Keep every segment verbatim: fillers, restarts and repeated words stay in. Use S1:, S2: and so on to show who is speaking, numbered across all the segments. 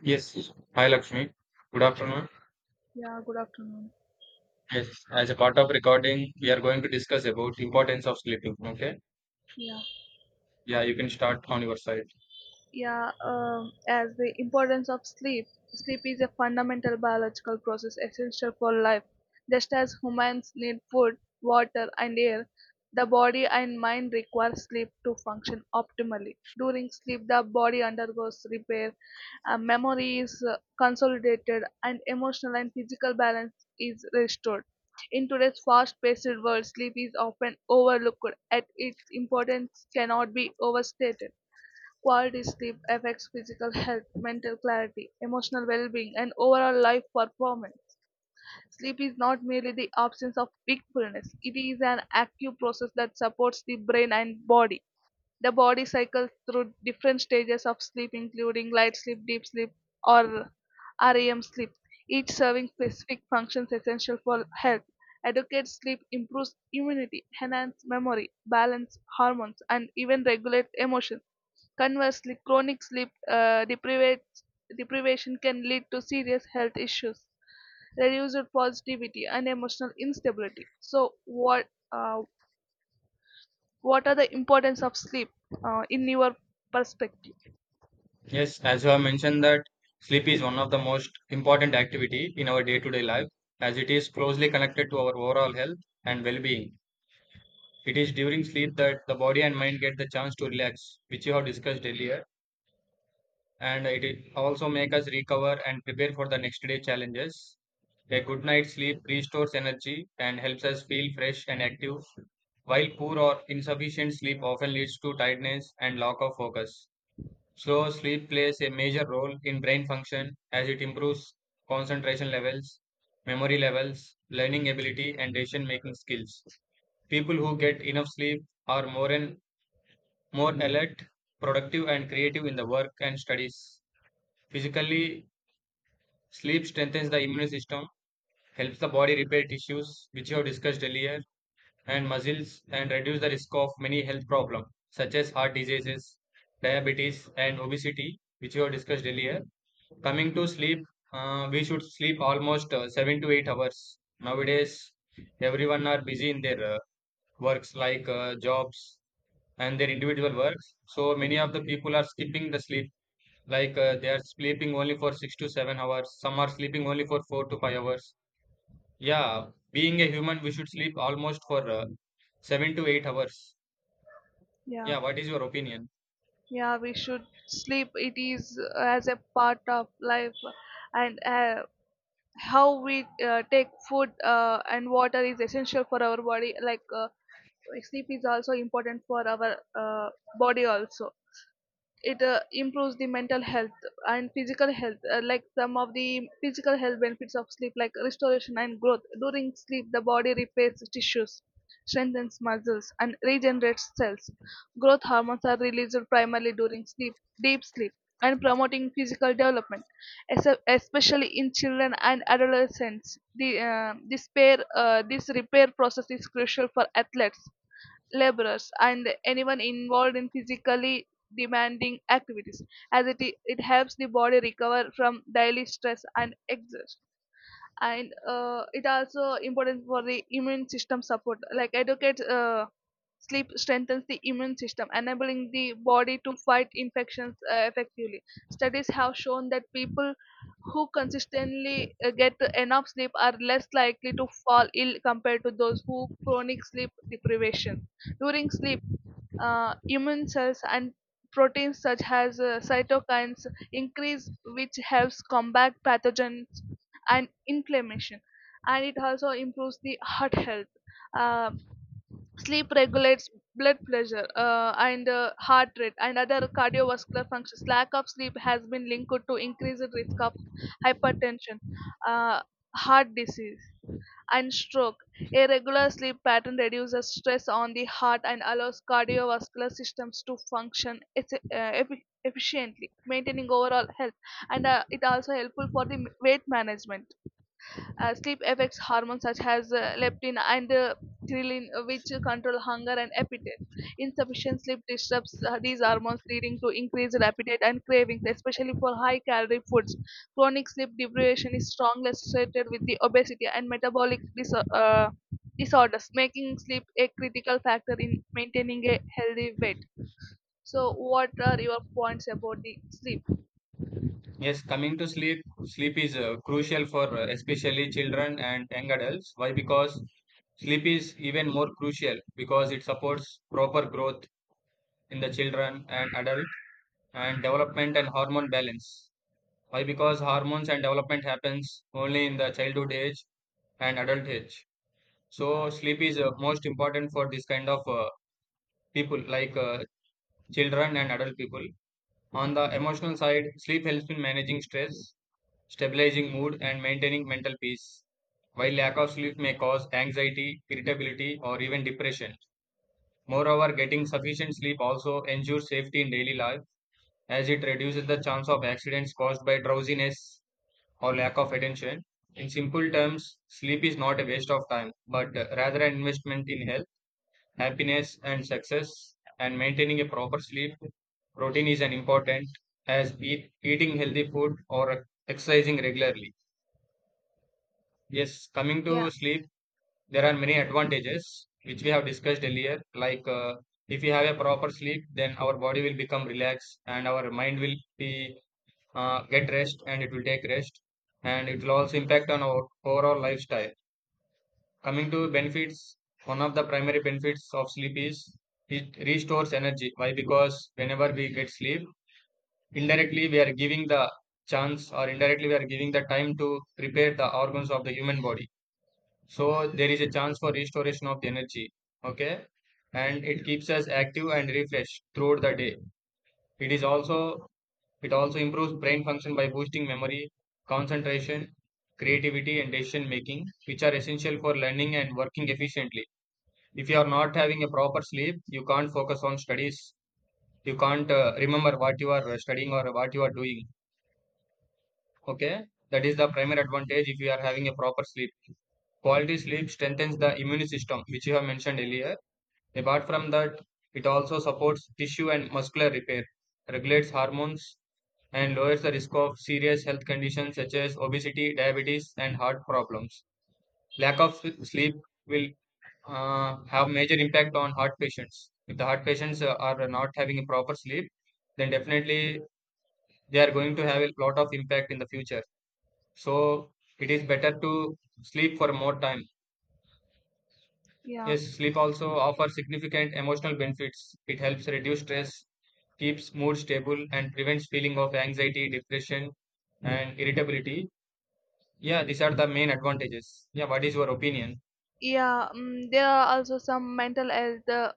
S1: Yes. Hi, Lakshmi. Good afternoon.
S2: Yeah, good afternoon.
S1: Yes. As a part of recording, we are going to discuss about importance of sleeping. Okay.
S2: Yeah.
S1: Yeah, you can start on your side.
S2: Yeah, um, as the importance of sleep. Sleep is a fundamental biological process essential for life. Just as humans need food, water, and air, the body and mind require sleep to function optimally. During sleep, the body undergoes repair, uh, memory is uh, consolidated, and emotional and physical balance is restored. In today's fast paced world, sleep is often overlooked, yet its importance cannot be overstated. Quality sleep affects physical health, mental clarity, emotional well being, and overall life performance. Sleep is not merely the absence of wakefulness, it is an active process that supports the brain and body. The body cycles through different stages of sleep, including light sleep, deep sleep, or REM sleep, each serving specific functions essential for health. Adequate sleep improves immunity, enhances memory, balance hormones, and even regulates emotions. Conversely, chronic sleep uh, deprivate, deprivation can lead to serious health issues, reduced positivity, and emotional instability. So, what uh, what are the importance of sleep uh, in your perspective?
S1: Yes, as you have mentioned that sleep is one of the most important activity in our day-to-day life, as it is closely connected to our overall health and well-being. It is during sleep that the body and mind get the chance to relax, which you have discussed earlier. And it i- also make us recover and prepare for the next day challenges. A good night's sleep restores energy and helps us feel fresh and active, while poor or insufficient sleep often leads to tiredness and lack of focus. So, sleep plays a major role in brain function as it improves concentration levels, memory levels, learning ability, and decision making skills. People who get enough sleep are more and more alert, productive, and creative in the work and studies. Physically, sleep strengthens the immune system, helps the body repair tissues, which you have discussed earlier, and muscles, and reduce the risk of many health problems, such as heart diseases, diabetes, and obesity, which you have discussed earlier. Coming to sleep, uh, we should sleep almost uh, seven to eight hours. Nowadays, everyone are busy in their uh, works like uh, jobs and their individual works. So many of the people are skipping the sleep like uh, they are sleeping only for six to seven hours. Some are sleeping only for four to five hours. Yeah, being a human, we should sleep almost for uh, seven to eight hours.
S2: Yeah,
S1: Yeah, what is your opinion?
S2: yeah, we should sleep. It is uh, as a part of life, and uh, how we uh, take food uh, and water is essential for our body. Like uh, sleep is also important for our uh, body also, it uh, improves the mental health and physical health uh, like some of the physical health benefits of sleep, like restoration and growth. During sleep, the body repairs tissues, strengthens muscles, and regenerates cells. Growth hormones are released primarily during sleep, deep sleep, and promoting physical development, es- especially in children and adolescents. The uh, this pair uh, this repair process is crucial for athletes, laborers, and anyone involved in physically demanding activities, as it, i- it helps the body recover from daily stress and exhaust. And uh, it also important for the immune system support, like educate. Uh, Sleep strengthens the immune system, enabling the body to fight infections uh, effectively. Studies have shown that people who consistently uh, get enough sleep are less likely to fall ill compared to those who chronic sleep deprivation. During sleep, uh, immune cells and proteins such as uh, cytokines increase, which helps combat pathogens and inflammation. And it also improves the heart health. uh, Sleep regulates blood pressure uh, and uh, heart rate and other cardiovascular functions. Lack of sleep has been linked to increased risk of hypertension, uh, heart disease, and stroke. A regular sleep pattern reduces stress on the heart and allows cardiovascular systems to function eff- uh, effi- efficiently, maintaining overall health. And uh, it also helpful for the weight management. Uh, sleep affects hormones such as uh, leptin and uh, ghrelin, uh, which control hunger and appetite. Insufficient sleep disrupts uh, these hormones, leading to increased appetite and cravings, especially for high calorie foods. Chronic sleep deprivation is strongly associated with the obesity and metabolic diso- uh, disorders, making sleep a critical factor in maintaining a healthy weight. So, what are your points about the sleep?
S1: Yes, coming to sleep, sleep is uh, crucial for uh, especially children and young adults. Why? Because sleep is even more crucial because it supports proper growth in the children and adult and development and hormone balance. Why? Because hormones and development happens only in the childhood age and adult age. So sleep is uh, most important for this kind of uh, people like uh, children and adult people. On the emotional side, sleep helps in managing stress, stabilizing mood, and maintaining mental peace, while lack of sleep may cause anxiety, irritability, or even depression. Moreover, getting sufficient sleep also ensures safety in daily life as it reduces the chance of accidents caused by drowsiness or lack of attention. In simple terms, sleep is not a waste of time, but uh, rather an investment in health, happiness and success, and maintaining a proper sleep routine is an important as eat, eating healthy food or exercising regularly. Yes, coming to
S2: Yeah,
S1: sleep, there are many advantages which we have discussed earlier, like uh, if we have a proper sleep, then our body will become relaxed and our mind will be uh, get rest and it will take rest, and it will also impact on our overall lifestyle. Coming to benefits, one of the primary benefits of sleep is it restores energy. Why? Because whenever we get sleep, indirectly we are giving the chance, or indirectly we are giving the time to repair the organs of the human body. So there is a chance for restoration of the energy. Okay. And it keeps us active and refreshed throughout the day. It is also it also improves brain function by boosting memory, concentration, creativity and decision making, which are essential for learning and working efficiently. If you are not having a proper sleep, you can't focus on studies. You can't uh, remember what you are uh, studying or what you are doing. Okay, that is the primary advantage if you are having a proper sleep. Quality sleep strengthens the immune system, which you have mentioned earlier. Apart from that, it also supports tissue and muscular repair, regulates hormones, and lowers the risk of serious health conditions such as obesity, diabetes and heart problems. Lack of s- sleep will uh, have major impact on heart patients. If the heart patients uh, are not having a proper sleep, then definitely they are going to have a lot of impact in the future. So it is better to sleep for more time.
S2: yeah,
S1: Yes, sleep also offers significant emotional benefits. It helps reduce stress, keeps mood stable, and prevents feeling of anxiety, depression, and irritability. Yeah, these are the main advantages. Yeah, what is your opinion?
S2: yeah. Um, there are also some mental health Uh,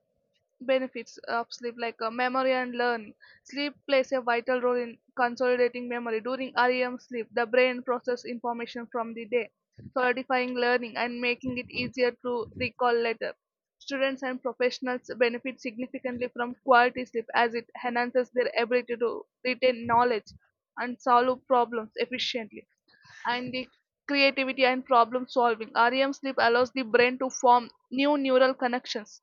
S2: benefits of sleep, like uh, memory and learning. Sleep plays a vital role in consolidating memory. During REM sleep, the brain processes information from the day, solidifying learning and making it easier to recall later. Students and professionals benefit significantly from quality sleep, as it enhances their ability to retain knowledge and solve problems efficiently. And the creativity and problem solving. REM sleep allows the brain to form new neural connections,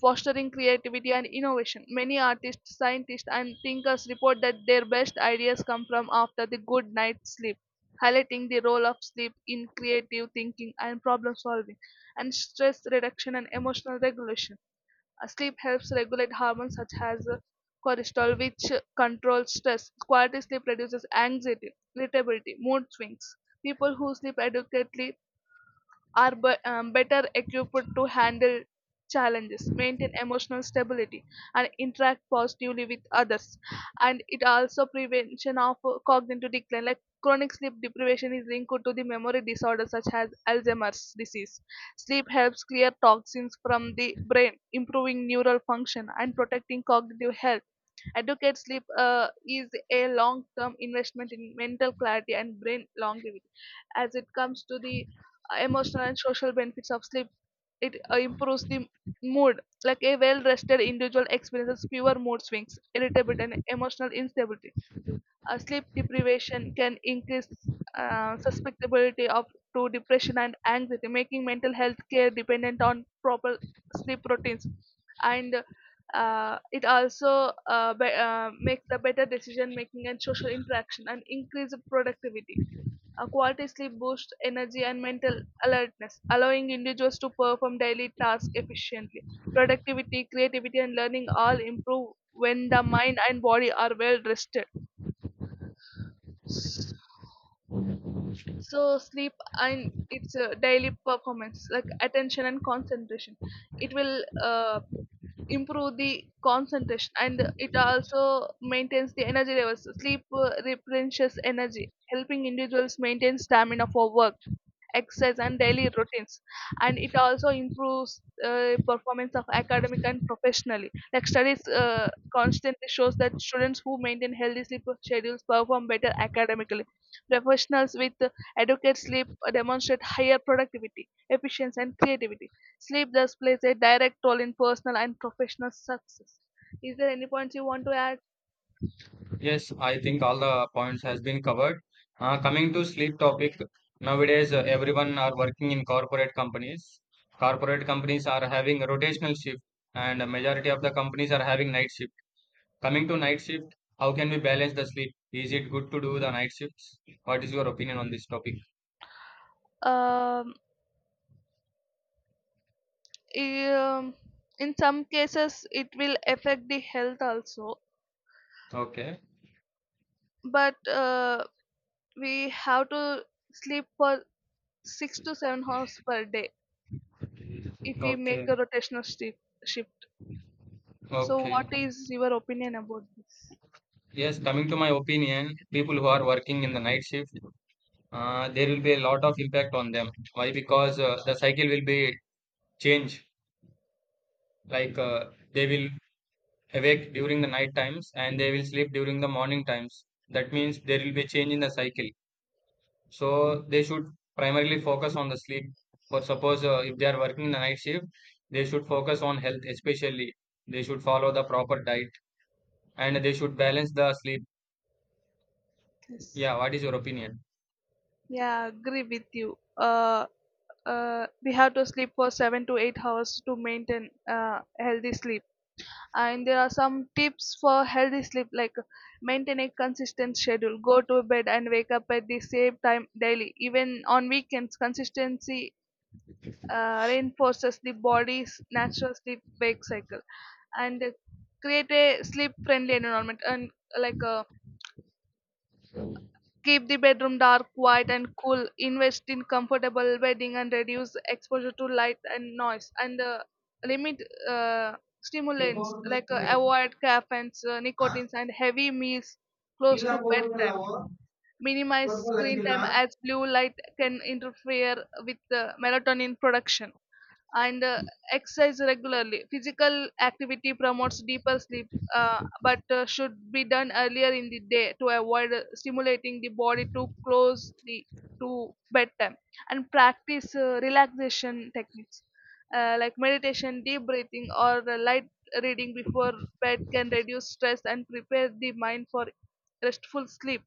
S2: fostering creativity and innovation. Many artists, scientists, and thinkers report that their best ideas come from after the good night's sleep, highlighting the role of sleep in creative thinking and problem solving, and stress reduction and emotional regulation. Uh, Sleep helps regulate hormones such as uh, cortisol, which uh, controls stress. Quality sleep reduces anxiety, irritability, mood swings. People who sleep adequately are be- um, better equipped to handle challenges, maintain emotional stability, and interact positively with others. And it also prevention of uh, cognitive decline, like chronic sleep deprivation is linked to the memory disorder such as Alzheimer's disease. Sleep helps clear toxins from the brain, improving neural function, and protecting cognitive health. Adequate sleep uh, is a long term investment in mental clarity and brain longevity. As it comes to the uh, emotional and social benefits of sleep, it uh, improves the mood. Like a well rested individual experiences fewer mood swings, irritability, and emotional instability. Uh, sleep deprivation can increase uh, susceptibility of to depression and anxiety, making mental health care dependent on proper sleep routines. And uh, it also uh, be, uh, makes the better decision making and social interaction and increase productivity. A quality sleep boosts energy and mental alertness, allowing individuals to perform daily tasks efficiently. Productivity, creativity, and learning all improve when the mind and body are well rested. So sleep, and it's a daily performance, like attention and concentration, it will uh, improve the concentration. And it also maintains the energy levels. Sleep uh, replenishes energy, helping individuals maintain stamina for work, exercise, and daily routines. And it also improves uh, performance of academic and professionally, like studies uh, constantly shows that students who maintain healthy sleep schedules perform better academically. Professionals with uh, adequate sleep demonstrate higher productivity, efficiency, and creativity. Sleep thus plays a direct role in personal and professional success. Is there any points you want to add?
S1: Yes, I think all the points has been covered. Uh, coming to sleep topic, nowadays uh, everyone are working in corporate companies. Corporate companies are having rotational shift, and a majority of the companies are having night shift. Coming to night shift, how can we balance the sleep? Is it good to do the night shifts? What is your opinion on this topic?
S2: um, um, in some cases it will affect the health also,
S1: Okay.
S2: but uh, we have to sleep for six to seven hours per day if we make a
S1: Okay.
S2: rotational shi- shift. So,
S1: Okay.
S2: what is your opinion about this?
S1: Yes, coming to my opinion, people who are working in the night shift, uh, there will be a lot of impact on them. Why? Because uh, the cycle will be change. Like uh, they will awake during the night times and they will sleep during the morning times, that means there will be a change in the cycle. So they should primarily focus on the sleep. For suppose, uh, if they are working in the night shift, they should focus on health especially. They should follow the proper diet and they should balance the sleep.
S2: Yes.
S1: Yeah, what is your opinion?
S2: Yeah, I agree with you. Uh, uh, we have to sleep for seven to eight hours to maintain uh, healthy sleep. And there are some tips for healthy sleep, like maintain a consistent schedule, go to bed and wake up at the same time daily. Even on weekends, consistency uh, reinforces the body's natural sleep wake cycle. And uh, create a sleep friendly environment, and uh, like uh, keep the bedroom dark, quiet, and cool. Invest in comfortable bedding and reduce exposure to light and noise. And uh, limit uh, stimulants, like uh, avoid caffeines, uh, nicotines, and heavy meals close to bedtime. Minimize screen time, as blue light can interfere with the melatonin production. And uh, exercise regularly. Physical activity promotes deeper sleep, uh, but uh, should be done earlier in the day to avoid uh, stimulating the body too close the, to bedtime. And practice uh, relaxation techniques uh, like meditation, deep breathing, or uh, light reading before bed can reduce stress and prepare the mind for restful sleep.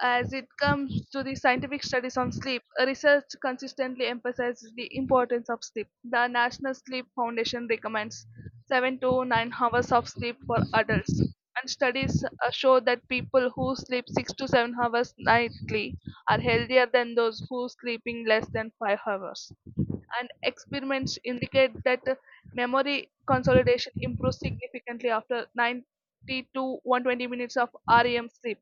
S2: As it comes to the scientific studies on sleep, research consistently emphasizes the importance of sleep. The National Sleep Foundation recommends seven to nine hours of sleep for adults. And studies uh, show that people who sleep six to seven hours nightly are healthier than those who sleeping less than five hours. And experiments indicate that uh, memory consolidation improves significantly after ninety to one hundred twenty minutes of REM sleep.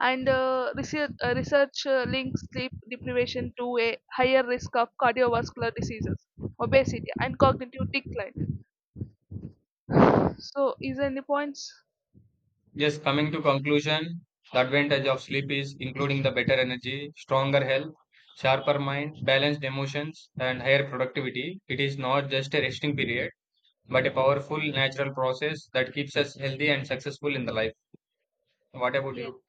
S2: And uh, research, uh, research uh, links sleep deprivation to a higher risk of cardiovascular diseases, obesity, and cognitive decline. So, is there any points?
S1: Yes, coming to conclusion, the advantage of sleep is including the better energy, stronger health, sharper mind, balanced emotions, and higher productivity. It is not just a resting period, but a powerful natural process that keeps us healthy and successful in the life. What about
S2: Yeah.
S1: you?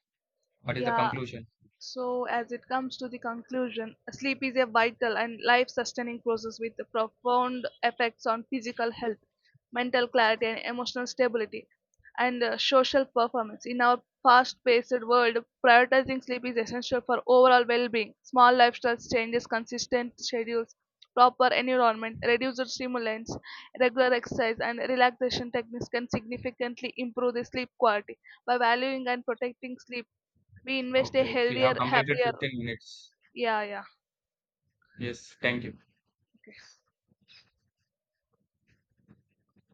S1: What is the
S2: Yeah,
S1: conclusion?
S2: so, as it comes to the conclusion, sleep is a vital and life sustaining process with profound effects on physical health, mental clarity, and emotional stability, and uh, social performance. In our fast paced world, prioritizing sleep is essential for overall well being. Small lifestyle changes, consistent schedules, proper environment, reduced stimulants, regular exercise, and relaxation techniques can significantly improve the sleep quality. By valuing and protecting sleep, we invest a
S1: Okay, we have
S2: healthier
S1: completed
S2: happier.
S1: fifteen minutes.
S2: Yeah, yeah.
S1: Yes, thank you.
S2: Okay.